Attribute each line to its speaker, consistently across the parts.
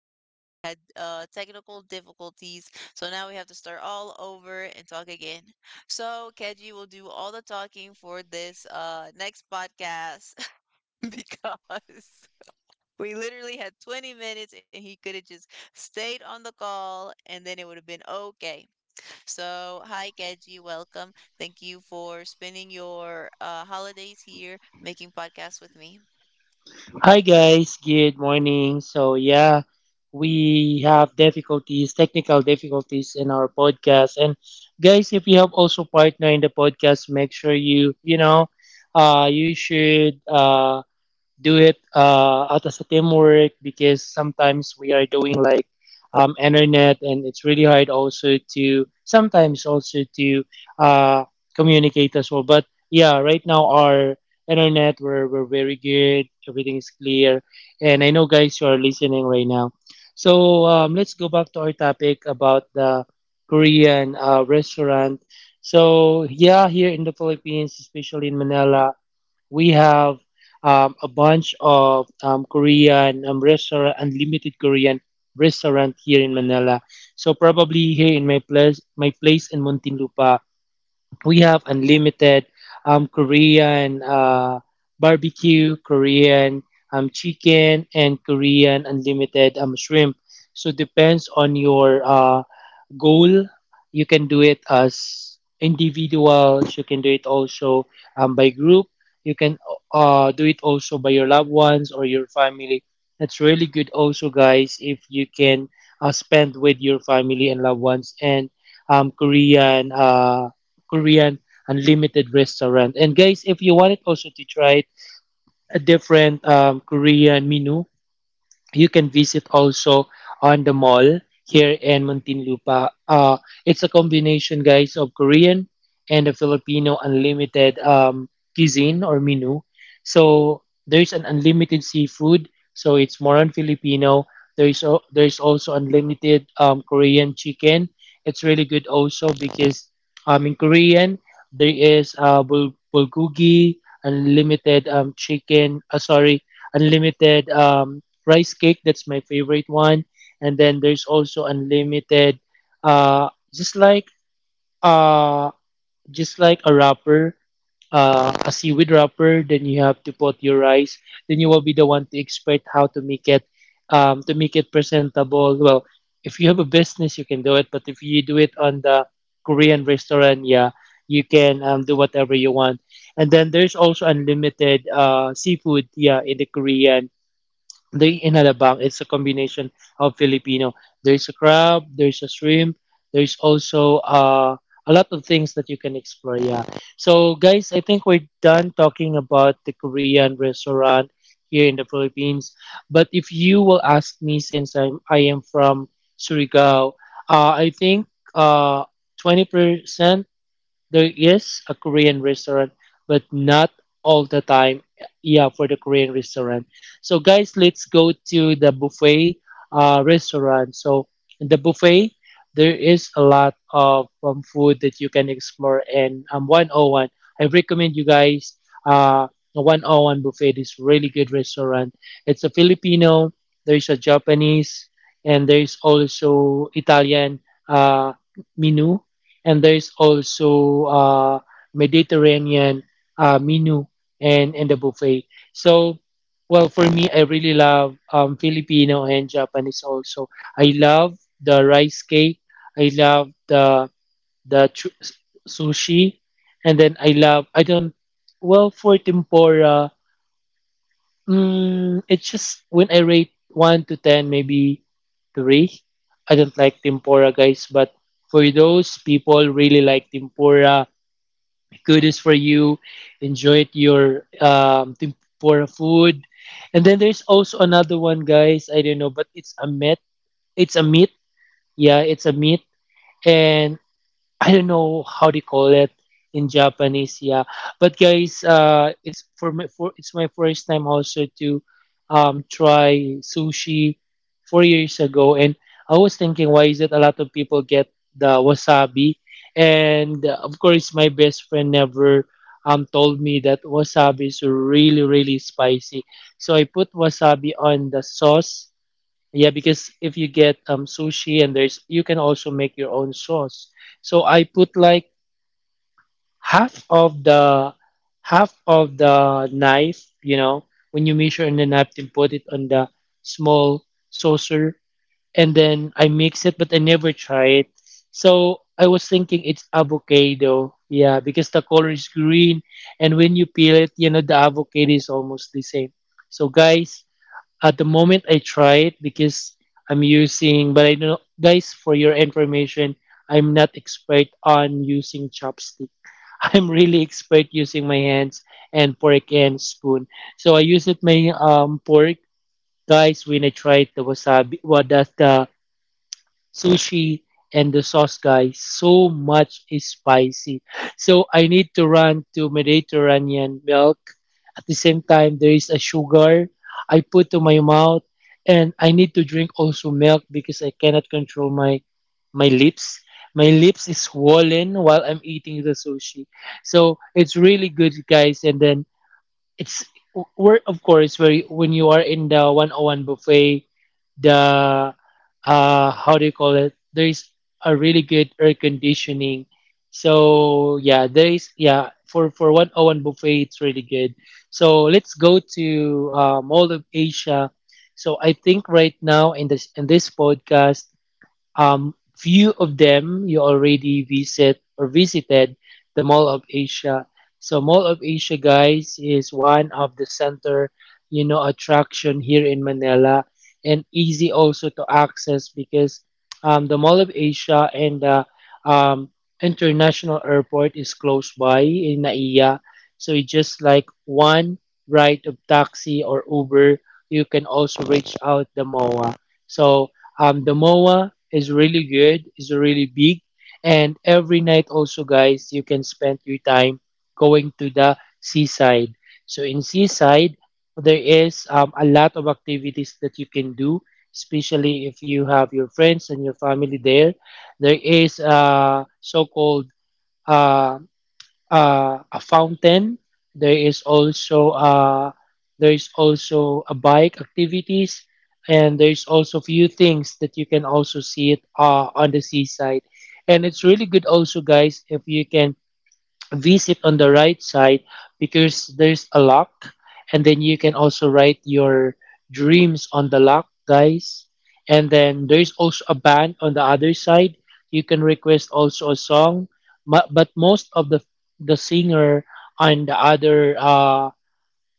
Speaker 1: podcast we had technical difficulties, so now we have to start all over and talk again. So Keji will do all the talking for this next podcast because we literally had 20 minutes and he could have just stayed on the call and then it would have been okay. So, hi, Keji. Welcome. Thank you for spending your holidays here making podcasts with me.
Speaker 2: Hi guys, good morning. So yeah, we have difficulties, technical difficulties in our podcast. And guys, if you have also partner in the podcast, make sure you, you should do it out as a teamwork because sometimes we are doing like internet, and it's really hard also to sometimes also to uh, communicate as well. But yeah, right now our internet we're very good. Everything is clear, and I know guys you are listening right now. So let's go back to our topic about the Korean restaurant. So yeah, here in the Philippines, especially in Manila, we have a bunch of Korean restaurant, unlimited Korean restaurant here in Manila. So probably here in my place in Muntinlupa, we have unlimited Korean barbecue, Korean chicken, and Korean unlimited shrimp. So depends on your goal. You can do it as individuals. You can do it also by group. You can do it also by your loved ones or your family. That's really good, also, guys, if you can spend with your family and loved ones and Korean Korean unlimited restaurant. And guys, if you wanted also to try it, a different Korean menu, you can visit also on the mall here in Muntinlupa. It's a combination, guys, of Korean and a Filipino unlimited cuisine or menu. So there's an unlimited seafood, so it's more on Filipino. There's also unlimited Korean chicken. It's really good also because in Korean there is bulgogi, unlimited chicken. Sorry, unlimited rice cake. That's my favorite one. And then there's also unlimited, uh, just like uh, just like a wrapper, a seaweed wrapper. Then you have to put your rice. Then you will be the one to expert how to make it presentable. Well, if you have a business, you can do it. But if you do it on the Korean restaurant, yeah, you can do whatever you want. And then there's also unlimited seafood, yeah, in the Korean. There in Alabang, it's a combination of Filipino. There's a crab, there's a shrimp, there's also a lot of things that you can explore. Yeah. So, guys, I think we're done talking about the Korean restaurant here in the Philippines. But if you will ask me, since I am from Surigao, I think uh, 20%. There is a Korean restaurant, but not all the time. Yeah, for the Korean restaurant. So guys, let's go to the buffet restaurant. So in the buffet, there is a lot of food that you can explore. And 101, I recommend you guys, uh, the 101 buffet is really good restaurant. It's a Filipino, there is a Japanese, and there is also Italian uh, menu, and there's also Mediterranean menu and the buffet. So, well, for me, I really love Filipino and Japanese also. I love the rice cake. I love the sushi, and then I don't, well, for tempura. Mm, it's just when I rate 1 to 10, maybe three. I don't like tempura, guys, but for those people really like tempura, kudos for you. Enjoy your tempura food. And then there's also another one, guys. I don't know, but it's a meat. It's a meat. Yeah, it's a meat, and I don't know how they call it in Japanese, yeah. But guys, it's for my for it's my first time also to try sushi 4 years ago, and I was thinking why is it a lot of people get the wasabi, and of course my best friend never told me that wasabi is really really spicy, so I put wasabi on the sauce. Yeah, because if you get sushi, and there's, you can also make your own sauce. So I put like half of the half of the knife, when you measure on the napkin, put it on the small saucer, and then I mix it, but I never try it. So I was thinking it's avocado. Yeah, because the color is green, and when you peel it, the avocado is almost the same. So guys, at the moment, I try it because I'm using, but I know, guys, for your information, I'm not expert on using chopstick. I'm really expert using my hands and fork and spoon. So I use it my fork, guys. When I tried the wasabi, what does the sushi and the sauce guy so much is spicy, so I need to run to Mediterranean milk. At the same time, there is a sugar I put to my mouth, and I need to drink also milk because I cannot control my lips. My lips is swollen while I'm eating the sushi. So it's really good, guys, and then it's, we're of course, when you are in the 101 buffet, the, how do you call it, there is a really good air conditioning. So yeah, there is, yeah, for 101 buffet, it's really good. So let's go to Mall of Asia. So I think right now in this podcast, few of them you already visit or visited the Mall of Asia. So Mall of Asia, guys, is one of the center, attraction here in Manila, and easy also to access because the Mall of Asia and the um, international airport is close by in Naiya. So it's just like one ride of taxi or Uber, you can also reach out the MOA. So the MOA is really good, is really big, and every night also, guys, you can spend your time going to the seaside. So in seaside, there is a lot of activities that you can do, especially if you have your friends and your family there. There is a so-called uh, a fountain. There is also uh, there is also a bike activities, and there is also few things that you can also see it on the seaside. And it's really good also, guys, if you can V sit on the right side because there's a lock, and then you can also write your dreams on the lock, guys. And then there's also a band on the other side. You can request also a song, but most of the singer on the other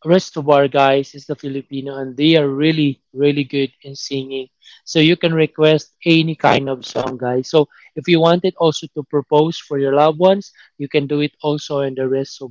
Speaker 2: rest of our guys is the Filipino, and they are really, really good in singing. So you can request any kind of song, guys. So if you wanted also to propose for your loved ones, you can do it also in the rest.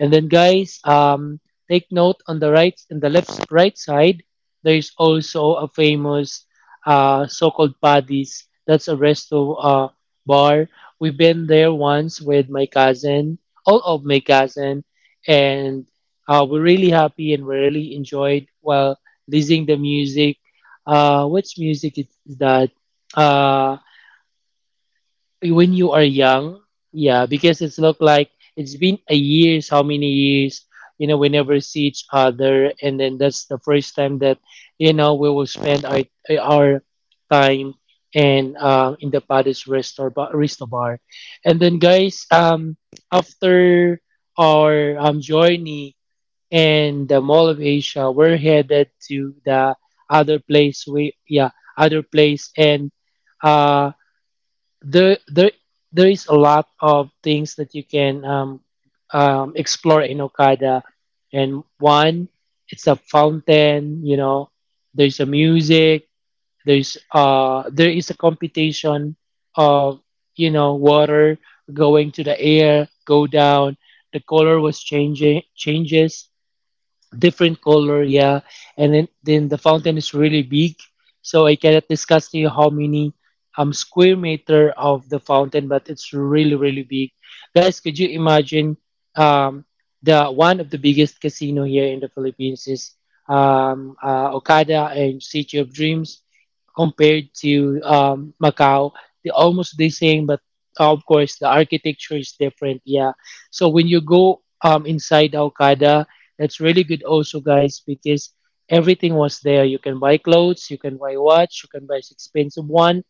Speaker 2: And then, guys, take note on the right and the left right side. There is also a famous so-called Paddy's. That's a resto bar. We've been there once with my cousin, all of my cousin, and we're really happy, and we really enjoyed while listening the music. Which music is that? Uh, when you are young, yeah, because it's look like it's been a years, how many years? You know, we never see each other, and then that's the first time that we will spend our time, and in the Paris Resto Bar, and then guys, after our journey and the Mall of Asia. We're headed to the other place. We Yeah, other place, and uh, there there there is a lot of things that you can explore in Okada. And one, it's a fountain. You know, there's a music. There's there is a computation of, water going to the air, go down. The color was changing changes different color, yeah. And then the fountain is really big, so I cannot discuss to you how many square meter of the fountain, but it's really really big. Guys, could you imagine, um the one of the biggest casino here in the Philippines is Okada and City of Dreams. Compared to Macau, they're almost the same, but of course the architecture is different, yeah. So when you go inside Okada, that's really good also, guys, because everything was there. You can buy clothes, you can buy watch, you can buy expensive one.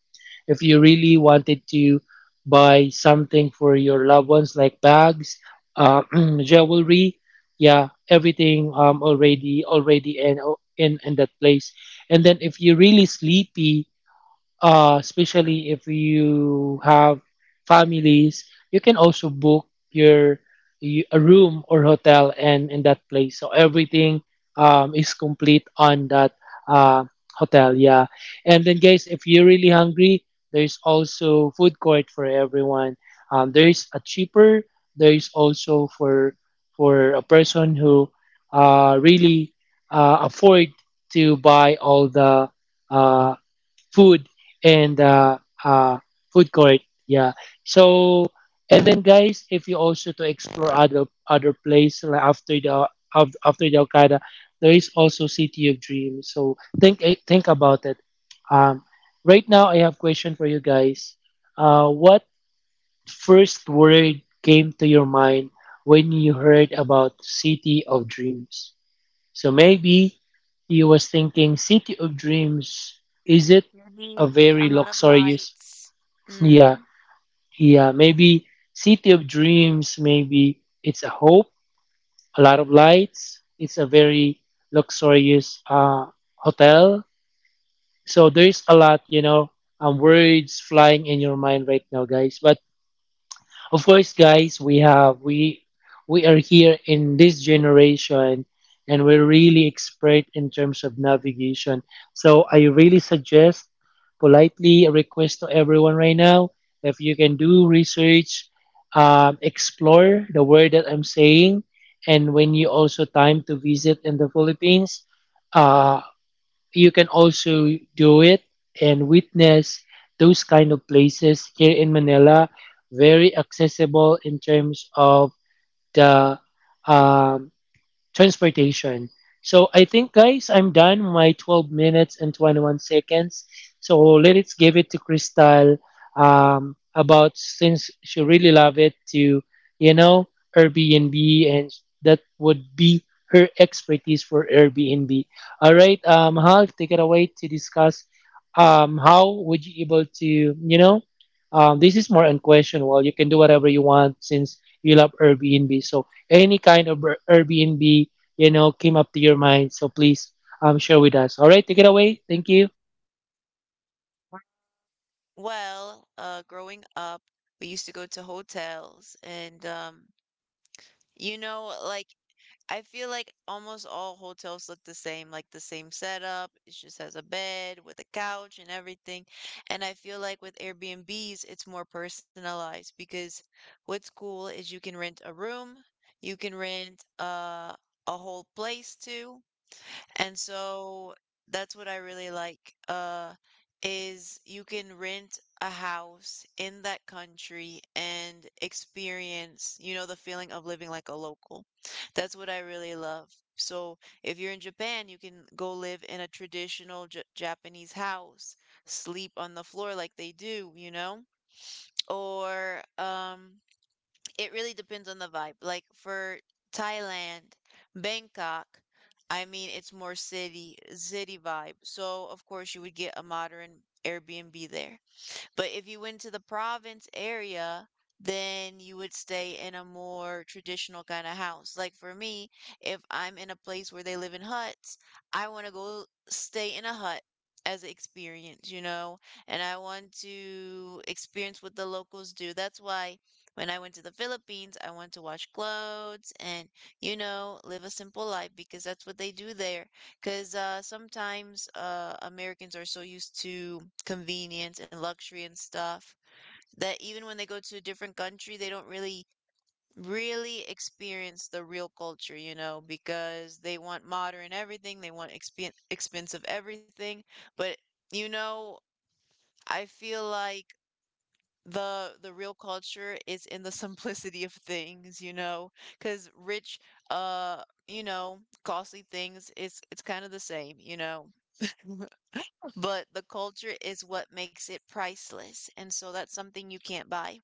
Speaker 2: If you really wanted to buy something for your loved ones like bags, uh, jewelry, yeah, everything already in that place. And then if you're really sleepy, especially if you have families, you can also book your a room or hotel and in that place. So everything is complete on that uh, hotel. Yeah, and then guys, if you're really hungry, there's also food court for everyone. There's a cheaper. There's also for a person who really afford to buy all the uh, food and uh, food court. Yeah. So and then guys, if you also to explore other place like after the after the Okada, there is also City of Dreams. So think about it. Um, right now I have question for you guys. What first word came to your mind when you heard about City of Dreams? So maybe he was thinking City of Dreams, is it a
Speaker 1: Maybe
Speaker 2: very
Speaker 1: a lot of
Speaker 2: luxurious?
Speaker 1: lights.
Speaker 2: Yeah,
Speaker 1: Mm.
Speaker 2: yeah, maybe City of Dreams, maybe it's a hope, a lot of lights, it's a very luxurious hotel. So there's a lot, words flying in your mind right now, guys. But of course, guys, we have we are here in this generation and we're really expert in terms of navigation. So I really suggest politely request to everyone right now if you can do research, explore the word that I'm saying, and when you also time to visit in the Philippines, uh, you can also do it and witness those kind of places here in Manila. Very accessible in terms of the um, transportation. So I think, guys, I'm done my 12 minutes and 21 seconds. So let's give it to Crystal about since she really love it to, you know, Airbnb and that would be her expertise for Airbnb. All right, Hal, take it away to discuss how would you able to, this is more unquestionable. You can do whatever you want since you love Airbnb. So any kind of Airbnb, came up to your mind. So please share with us. All right, take it away. Thank you.
Speaker 1: Well, growing up, we used to go to hotels, and you know, like I feel like almost all hotels look the same, like the same setup. It just has a bed with a couch and everything. And I feel like with Airbnbs, it's more personalized because what's cool is you can rent a room, you can rent a whole place too, and so that's what I really like, is you can rent a house in that country and experience, you know, the feeling of living like a local. That's what I really love. So if you're in Japan, you can go live in a traditional J Japanese house, sleep on the floor like they do, you know? Or it really depends on the vibe. Like for Thailand, Bangkok, I mean, it's more city vibe. So of course you would get a modern Airbnb there. But if you went to the province area, then you would stay in a more traditional kind of house. Like for me, if I'm in a place where they live in huts, I want to go stay in a hut as an experience, you know, and I want to experience what the locals do. That's why when I went to the Philippines, I wanted to wash clothes and, you know, live a simple life because that's what they do there. Because sometimes Americans are so used to convenience and luxury and stuff that even when they go to a different country, they don't really experience the real culture, you know, because they want modern everything, they want expensive everything. But, you know, I feel like the real culture is in the simplicity of things, you know, because rich, uh, you know, costly things, it's kind of the same, you know. But the culture is what makes it priceless, and so that's something you can't buy.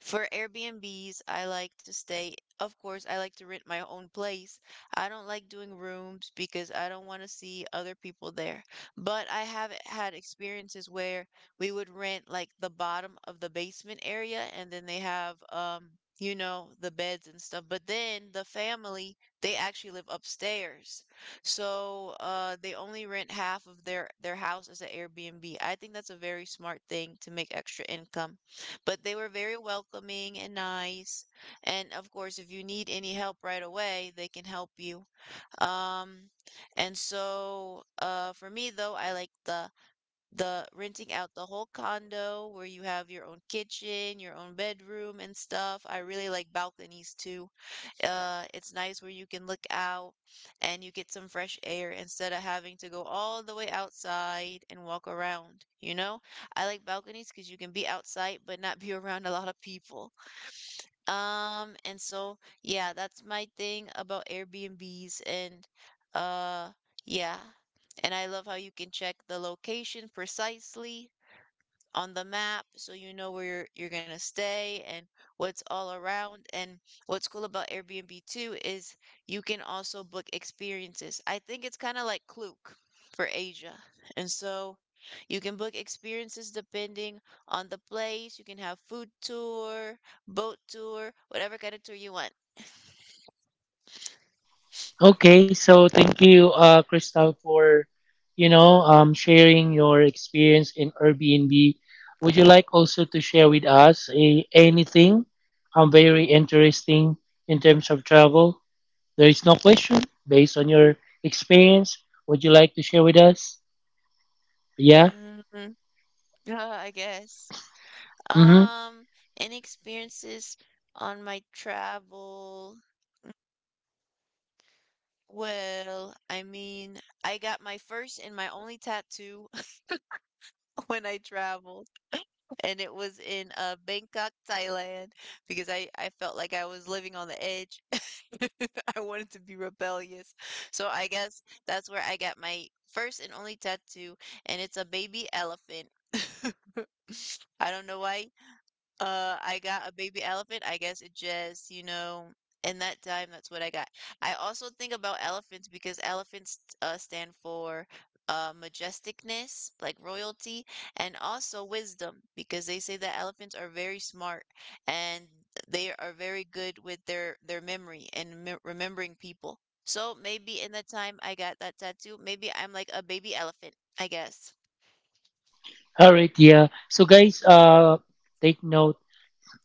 Speaker 1: For Airbnbs, I like to stay. Of course, I like to rent my own place. I don't like doing rooms because I don't want to see other people there. But I have had experiences where we would rent like the bottom of the basement area and then they have you know the beds and stuff but then the family they actually live upstairs so they only rent half of their house as an Airbnb. I think that's a very smart thing to make extra income, but they were very welcoming and nice. And of course, if you need any help right away, they can help you. Um, and so for me though, I like the renting out the whole condo where you have your own kitchen, your own bedroom and stuff. I really like balconies too. It's nice where you can look out and you get some fresh air instead of having to go all the way outside and walk around, you know? I like balconies because you can be outside but not be around a lot of people. And so yeah, that's my thing about Airbnbs and uh yeah. And I love how you can check the location precisely on the map so you know where you're going to stay and what's all around. And what's cool about Airbnb too is you can also book experiences. I think it's kind of like Klook for Asia. And so you can book experiences depending on the place. You can have food tour, boat tour, whatever kind of tour you want.
Speaker 2: Okay, so thank you, Crystal, for sharing your experience in Airbnb. Would you like also to share with us anything very interesting in terms of travel? There is no question based on your experience. Would you like to share with us? Yeah.
Speaker 1: Mm, I guess.
Speaker 2: Mm-hmm.
Speaker 1: Um, any experiences on my travel? Well, I mean, I got my first and my only tattoo when I traveled, and it was in Bangkok, Thailand, because I felt like I was living on the edge. I wanted to be rebellious. So I guess that's where I got my first and only tattoo, and it's a baby elephant. I don't know why I got a baby elephant. I guess it just, you know, in that time, that's what I got. I also think about elephants because elephants stand for majesticness, like royalty, and also wisdom because they say that elephants are very smart and they are very good with their memory and me remembering people. So maybe in the time I got that tattoo, maybe I'm like a baby elephant, I guess.
Speaker 2: All right. Yeah. So guys, take note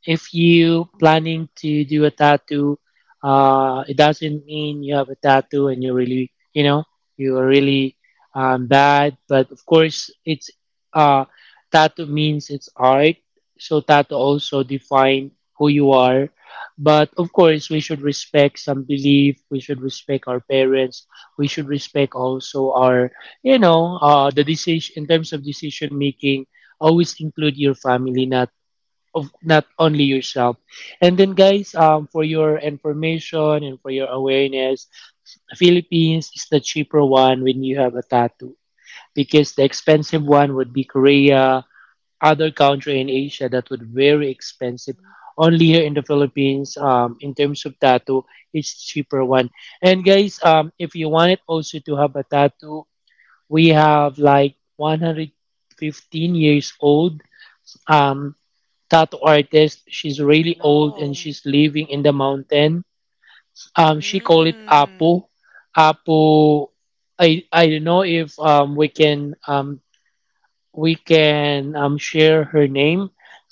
Speaker 2: if you planning to do a tattoo, it doesn't mean you have a tattoo and you're really, you are really bad. But of course, it's uh, tattoo means it's art. So tattoo also define who you are. But of course, we should respect some belief. We should respect our parents. We should respect also our, the decision in terms of decision making. Always include your family, not only yourself. And then guys, for your information and for your awareness, Philippines is the cheaper one when you have a tattoo because the expensive one would be Korea, other country in Asia that would very expensive.
Speaker 1: Mm.
Speaker 2: Only here in the Philippines, in terms of tattoo, it's cheaper one. And guys, if you wanted also to have a tattoo, we have like 115 years old. Um, Tattoo artist. She's really old and
Speaker 1: No.
Speaker 2: she's living in the mountain. She call it
Speaker 1: Mm.
Speaker 2: Apu. Apu. I don't know if we can share her name,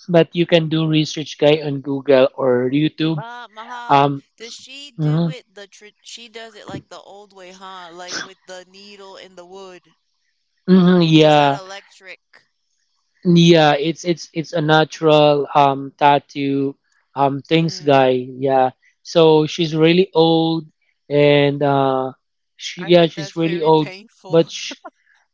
Speaker 2: but you can do research guy on Google or YouTube.
Speaker 1: Mahal,
Speaker 2: Um.
Speaker 1: does she do
Speaker 2: Mhm,
Speaker 1: it the tr she does it like the old way, huh? Like with the needle in the wood.
Speaker 2: mhm,
Speaker 1: It's not
Speaker 2: yeah.
Speaker 1: electric.
Speaker 2: Yeah, it's a natural tattoo things
Speaker 1: Mm.
Speaker 2: guy. Yeah. So she's really old and she
Speaker 1: I
Speaker 2: yeah,
Speaker 1: heard
Speaker 2: she's
Speaker 1: that's
Speaker 2: really
Speaker 1: very
Speaker 2: old,
Speaker 1: painful.
Speaker 2: but sh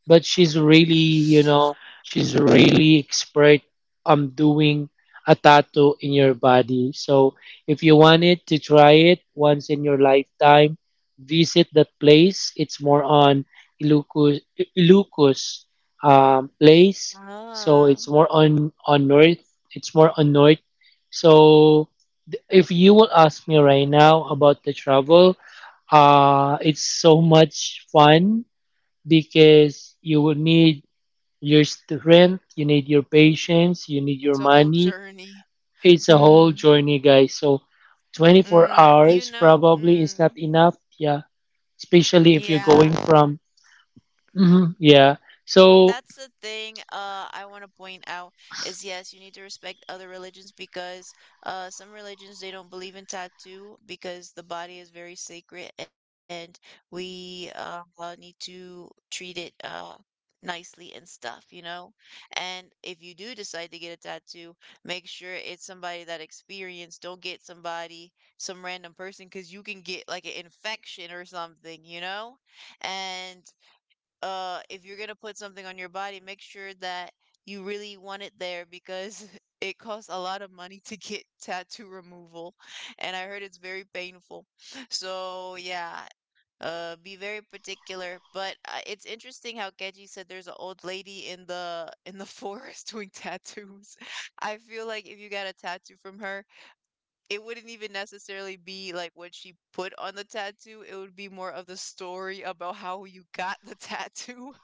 Speaker 2: but she's really, she's really expert on doing a tattoo in your body. So if you want it to try it once in your lifetime, visit that place. It's more on Ilocos, Ilocos, place. So
Speaker 1: Ah,
Speaker 2: it's more on north. It's more on north. So if you will ask me right now about the travel, it's so much fun because you will need your strength, you need your patience, you need your
Speaker 1: that's a whole
Speaker 2: money.
Speaker 1: journey.
Speaker 2: It's a whole
Speaker 1: Mm,
Speaker 2: journey, guys. So 24
Speaker 1: mm, you
Speaker 2: hours
Speaker 1: know,
Speaker 2: probably is
Speaker 1: mm,
Speaker 2: not enough. Yeah, especially if you're going
Speaker 1: yeah.
Speaker 2: from. Mhm, yeah. So
Speaker 1: That's the thing I want to point out is yes, you need to respect other religions because some religions they don't believe in tattoo because the body is very sacred and we need to treat it nicely and stuff, you know? And if you do decide to get a tattoo, make sure it's somebody that experienced. Don't get somebody, some random person, because you can get like an infection or something, you know? And if you're gonna put something on your body, make sure that you really want it there because it costs a lot of money to get tattoo removal, and I heard it's very painful. So yeah, be very particular. But it's interesting how Keji said there's an old lady in the forest doing tattoos. I feel like if you got a tattoo from her, it wouldn't even necessarily be like what she put on the tattoo. It would be more of the story about how you got the tattoo.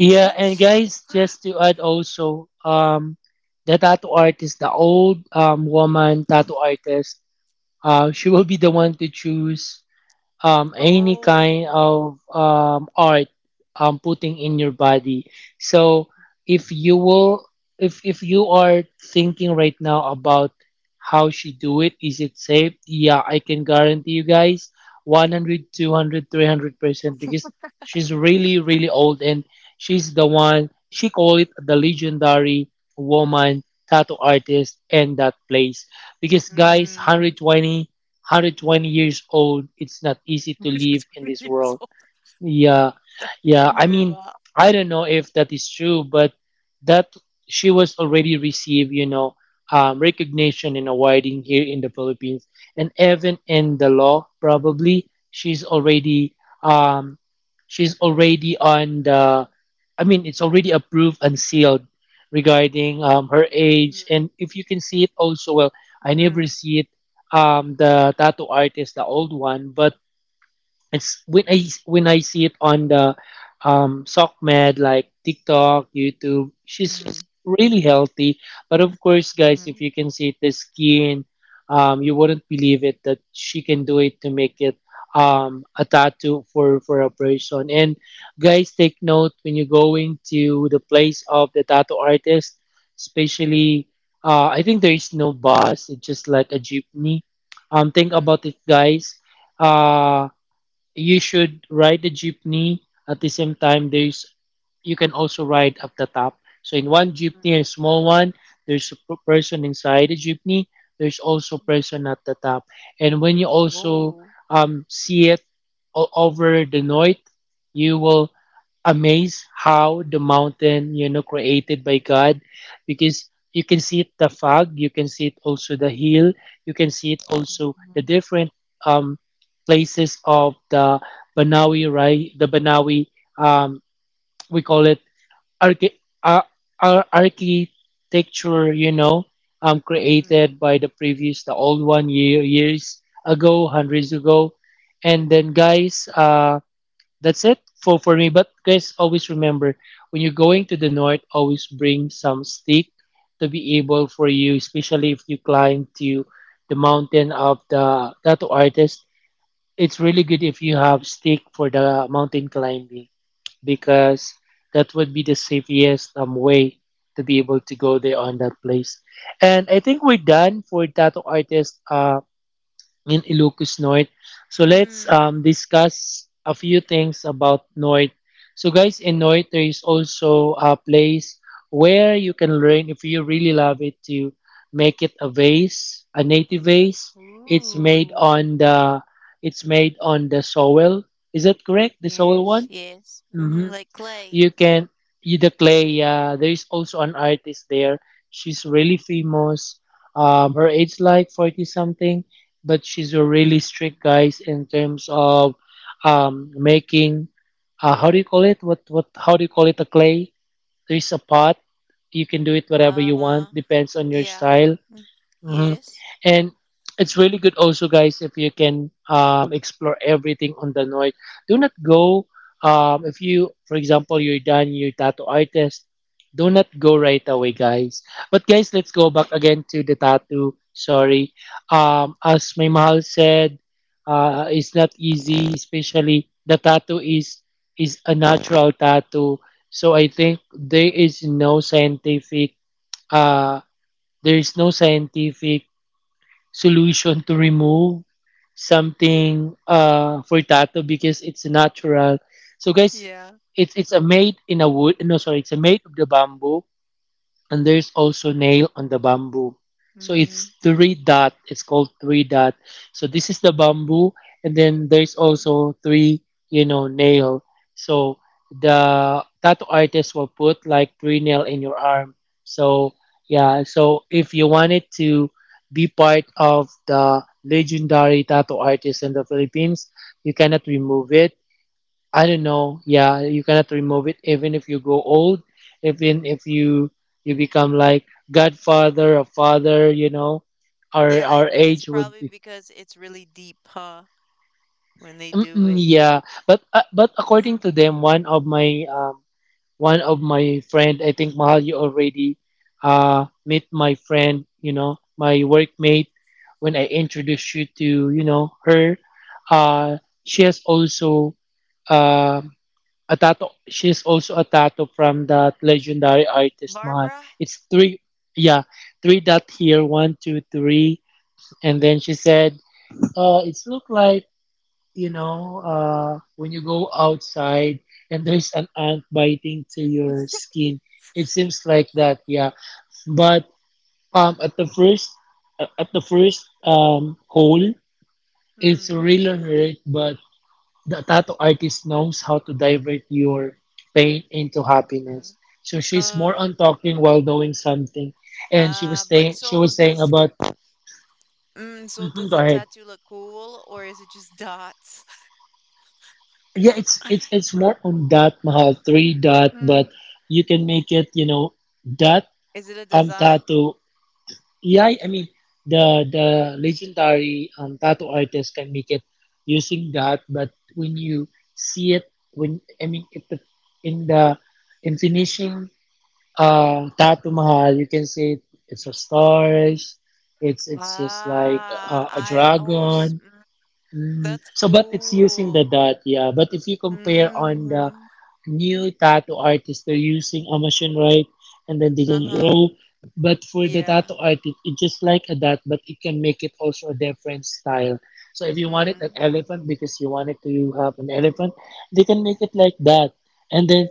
Speaker 2: yeah, and guys, just to add also, the tattoo artist, the old woman tattoo artist, she will be the one to choose any kind
Speaker 1: Oh.
Speaker 2: of art putting in your body. So if you will, if you are thinking right now about how she do it, is it safe? Yeah, I can guarantee you guys 100, 200, 300% because she's really, really old and she's the one, she call it the legendary woman tattoo artist in that place. Because guys,
Speaker 1: Mm.
Speaker 2: 120 years old, it's not easy
Speaker 1: You're
Speaker 2: to live in
Speaker 1: 20
Speaker 2: this
Speaker 1: years
Speaker 2: world.
Speaker 1: old.
Speaker 2: Yeah, yeah. I
Speaker 1: Even,
Speaker 2: mean,
Speaker 1: ba?
Speaker 2: I don't know if that is true, but that she was already received, recognition and awarding here in the Philippines, and even in the law, probably um, she's already on the. I mean, it's already approved and sealed regarding her age,
Speaker 1: Mm,
Speaker 2: and if you can see it also, well, I never
Speaker 1: mm,
Speaker 2: see it. The tattoo artist, the old one, but it's when I see it on the SockMed like TikTok, YouTube, she's
Speaker 1: mm,
Speaker 2: really healthy. But of course, guys, if
Speaker 1: mhm,
Speaker 2: you can see the skin, you wouldn't believe it that she can do it to make it a tattoo for a person. And guys, take note when you're going to the place of the tattoo artist, especially. I think there is no bus. It's just like a jeepney. Think
Speaker 1: mm,
Speaker 2: about it, guys. Uh, you should ride the jeepney. At the same time there's, you can also ride up the top, so in one
Speaker 1: mm.
Speaker 2: jeepney, a small one, there's a person inside the jeepney, there's also person at the top. And when you also
Speaker 1: Woah.
Speaker 2: see it over the night, you will amazed how the mountain created by God. Because you can see it the fog, you can see it also the hill, you can see it also the
Speaker 1: Mhm,
Speaker 2: different um, places of the banawi, right? The banawi, um, we call it archi- ar architecture,
Speaker 1: mm,
Speaker 2: created by the previous the old one year years ago hundreds ago. And then guys. That's it for me. But guys, always remember when you're going to the north, always bring some stick to be able for you, especially if you climb to the mountain of the tattoo artist. It's really good if you have stick for the mountain climbing
Speaker 1: mm,
Speaker 2: because that would be the safest way to be able to go there on that place. And I think we're done for tattoo artist. In Ilocosnorte. So let's
Speaker 1: mm.
Speaker 2: discuss a few things about North. So guys, in North there is also a place where you can learn if you really love it to make it a vase, a native vase. It's made
Speaker 1: Ooh.
Speaker 2: on the it's made on the soil. Is that correct? The soil
Speaker 1: Yes,
Speaker 2: one?
Speaker 1: yes. Mhm,
Speaker 2: Mm-hmm.
Speaker 1: like clay.
Speaker 2: you can Ida Clay. Yeah, there is also an artist there. She's really famous. Her age like 40 something, but she's a really strict guys in terms of making. How do you call it? What? How do you call it? A clay. There is a pot. You can do it whatever you
Speaker 1: Uh,
Speaker 2: want. Depends on your
Speaker 1: yeah.
Speaker 2: style.
Speaker 1: Mm,
Speaker 2: Hmm.
Speaker 1: yes.
Speaker 2: And it's really good also, guys, if you can explore everything on the north. Do not go, if you, for example, you're done, you're tattoo artist, do not go right away, guys. But, guys, let's go back again to the tattoo. Sorry. As my mahal said, it's not easy, especially the tattoo is a natural tattoo. So I think uh, there is no scientific solution to remove something for tattoo because it's natural. So guys,
Speaker 1: Yeah.
Speaker 2: it's a made in a wood. No, sorry, it's a made of the bamboo, and there's also nail on the bamboo. So
Speaker 1: Mm.
Speaker 2: it's three dot, it's called three dot. So this is the bamboo, and then there's also three nail. So the tattoo artist will put like three nail in your arm. So yeah, so if you wanted to be part of the legendary tattoo artist in the Philippines, you cannot remove it. I don't know. Yeah, you cannot remove it. Even if you go old, even if you become like godfather or father, our
Speaker 1: Yeah, I
Speaker 2: our
Speaker 1: think it's
Speaker 2: age would
Speaker 1: probably
Speaker 2: be.
Speaker 1: because it's really deep, huh? When they do
Speaker 2: Mm-mm,
Speaker 1: it.
Speaker 2: yeah, but according to
Speaker 1: Uh,
Speaker 2: them, one of my friend, I think Mahal, you already met my friend, my workmate. When I introduced you to her, uh, she has also um. a tattoo. She's also a tattoo from that legendary artist Mahal.
Speaker 1: Barbara?
Speaker 2: It's three, yeah, three dot here, one, two, three, and then she said, It's look like when you go outside and there's an ant biting to your skin." It seems like that, yeah. But um, at the first, at the first hole, it's
Speaker 1: Mm.
Speaker 2: really hurt, but the tattoo artist knows how to divert your pain into happiness.
Speaker 1: Uh-huh.
Speaker 2: So she's more
Speaker 1: Uh,
Speaker 2: on talking while doing something, and she was
Speaker 1: but
Speaker 2: saying she
Speaker 1: so
Speaker 2: was saying
Speaker 1: does
Speaker 2: about.
Speaker 1: mm, so
Speaker 2: Mhm,
Speaker 1: does
Speaker 2: go
Speaker 1: the
Speaker 2: ahead.
Speaker 1: tattoo look cool or is it just dots?
Speaker 2: Yeah, it's more on that mahal three dot,
Speaker 1: Mm.
Speaker 2: but you can make it dot
Speaker 1: Is it a design?
Speaker 2: tattoo. Yeah, I mean the legendary tattoo artist can make it using that, but when you see it, when I mean if the in the in finishing Taj Mahal, you can say it's a stars. It's just like
Speaker 1: Ah,
Speaker 2: a dragon.
Speaker 1: mm,
Speaker 2: Mm.
Speaker 1: that's
Speaker 2: So, but it's using the
Speaker 1: cool.
Speaker 2: dot, yeah. But if you compare on the
Speaker 1: Mm.
Speaker 2: new tattoo artists, they're using a machine, right? And then they can
Speaker 1: Uh-huh.
Speaker 2: draw. But for the
Speaker 1: Yeah.
Speaker 2: tattoo artist, it's just like a dot, but it can make it also a different style. So if you wanted an
Speaker 1: Mm.
Speaker 2: elephant because you wanted to have an elephant, they can make it like that. And then,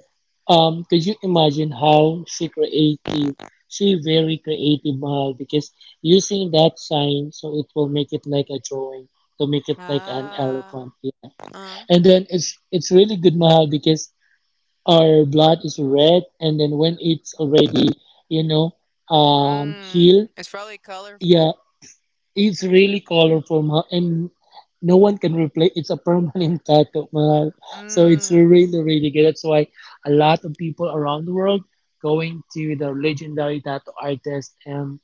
Speaker 2: could you imagine how she creative? She very creative, Mahal, because using that sign, so it will make it like a drawing to make it like an
Speaker 1: Ah.
Speaker 2: elephant. Yeah.
Speaker 1: Uh.
Speaker 2: And then it's really good mahal because our blood is red, and then when it's already you know
Speaker 1: Mm.
Speaker 2: healed,
Speaker 1: It's probably colorful.
Speaker 2: yeah, it's really colorful mahal, and no one can replace. It's a permanent tattoo mahal, so it's
Speaker 1: Mm.
Speaker 2: really really good. That's why a lot of people around the world going to the legendary tattoo artist and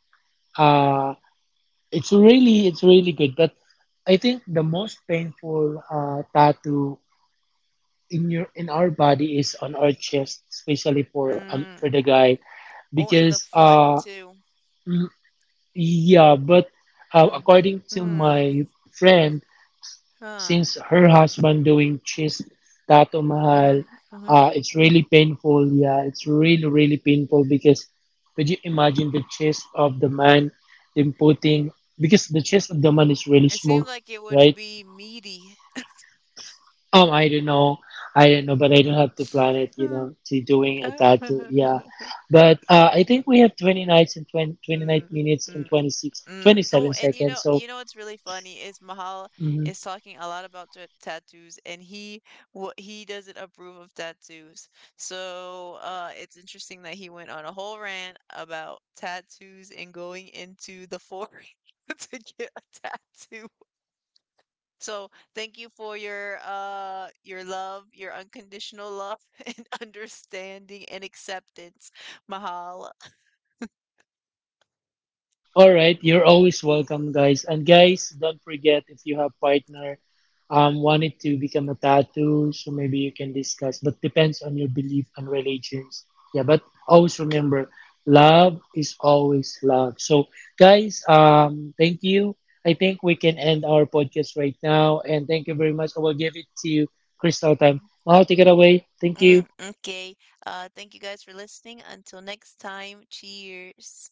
Speaker 2: uh it's really good, but I think the most painful tattoo in your in our body is on our chest, especially for
Speaker 1: Mm.
Speaker 2: the guy,
Speaker 1: Oh, and the
Speaker 2: because
Speaker 1: foot too.
Speaker 2: mm, yeah, but
Speaker 1: Mm.
Speaker 2: according to
Speaker 1: Mm.
Speaker 2: my friend,
Speaker 1: Huh.
Speaker 2: since her husband doing cheese tato mahal,
Speaker 1: Uh-huh. Uh-huh.
Speaker 2: it's really painful, yeah, it's really painful because could you imagine the chest of the man then putting, because the chest of the man is really
Speaker 1: It
Speaker 2: smooth,
Speaker 1: seemed like it would
Speaker 2: right?
Speaker 1: be meaty.
Speaker 2: um i don't know I don't know, but I don't have to plan it,
Speaker 1: Mm,
Speaker 2: to doing a tattoo,
Speaker 1: uh,
Speaker 2: yeah, but I think we have 20 nights and 20 twenty nine
Speaker 1: mm,
Speaker 2: minutes and
Speaker 1: mm.
Speaker 2: 26
Speaker 1: Mm.
Speaker 2: twenty
Speaker 1: Oh,
Speaker 2: seven
Speaker 1: and
Speaker 2: seconds. So
Speaker 1: you know what's really funny is Mahal
Speaker 2: mhm.
Speaker 1: is talking a lot about t tattoos, and he doesn't approve of tattoos. So, it's interesting that he went on a whole rant about tattoos and going into the forest to get a tattoo. So thank you for your love, your unconditional love and understanding and acceptance. Mahal.
Speaker 2: All right, you're always welcome, guys. And guys, don't forget if you have partner wanted to become a tattoo, so maybe you can discuss. But depends on your belief and religions. Yeah, but always remember, love is always love. So, guys, thank you. I think we can end our podcast right now, and thank you very much. I will give it to Crystal time. Now, take it away. Thank you.
Speaker 1: Mm, okay. Thank you guys for listening. Until next time, cheers.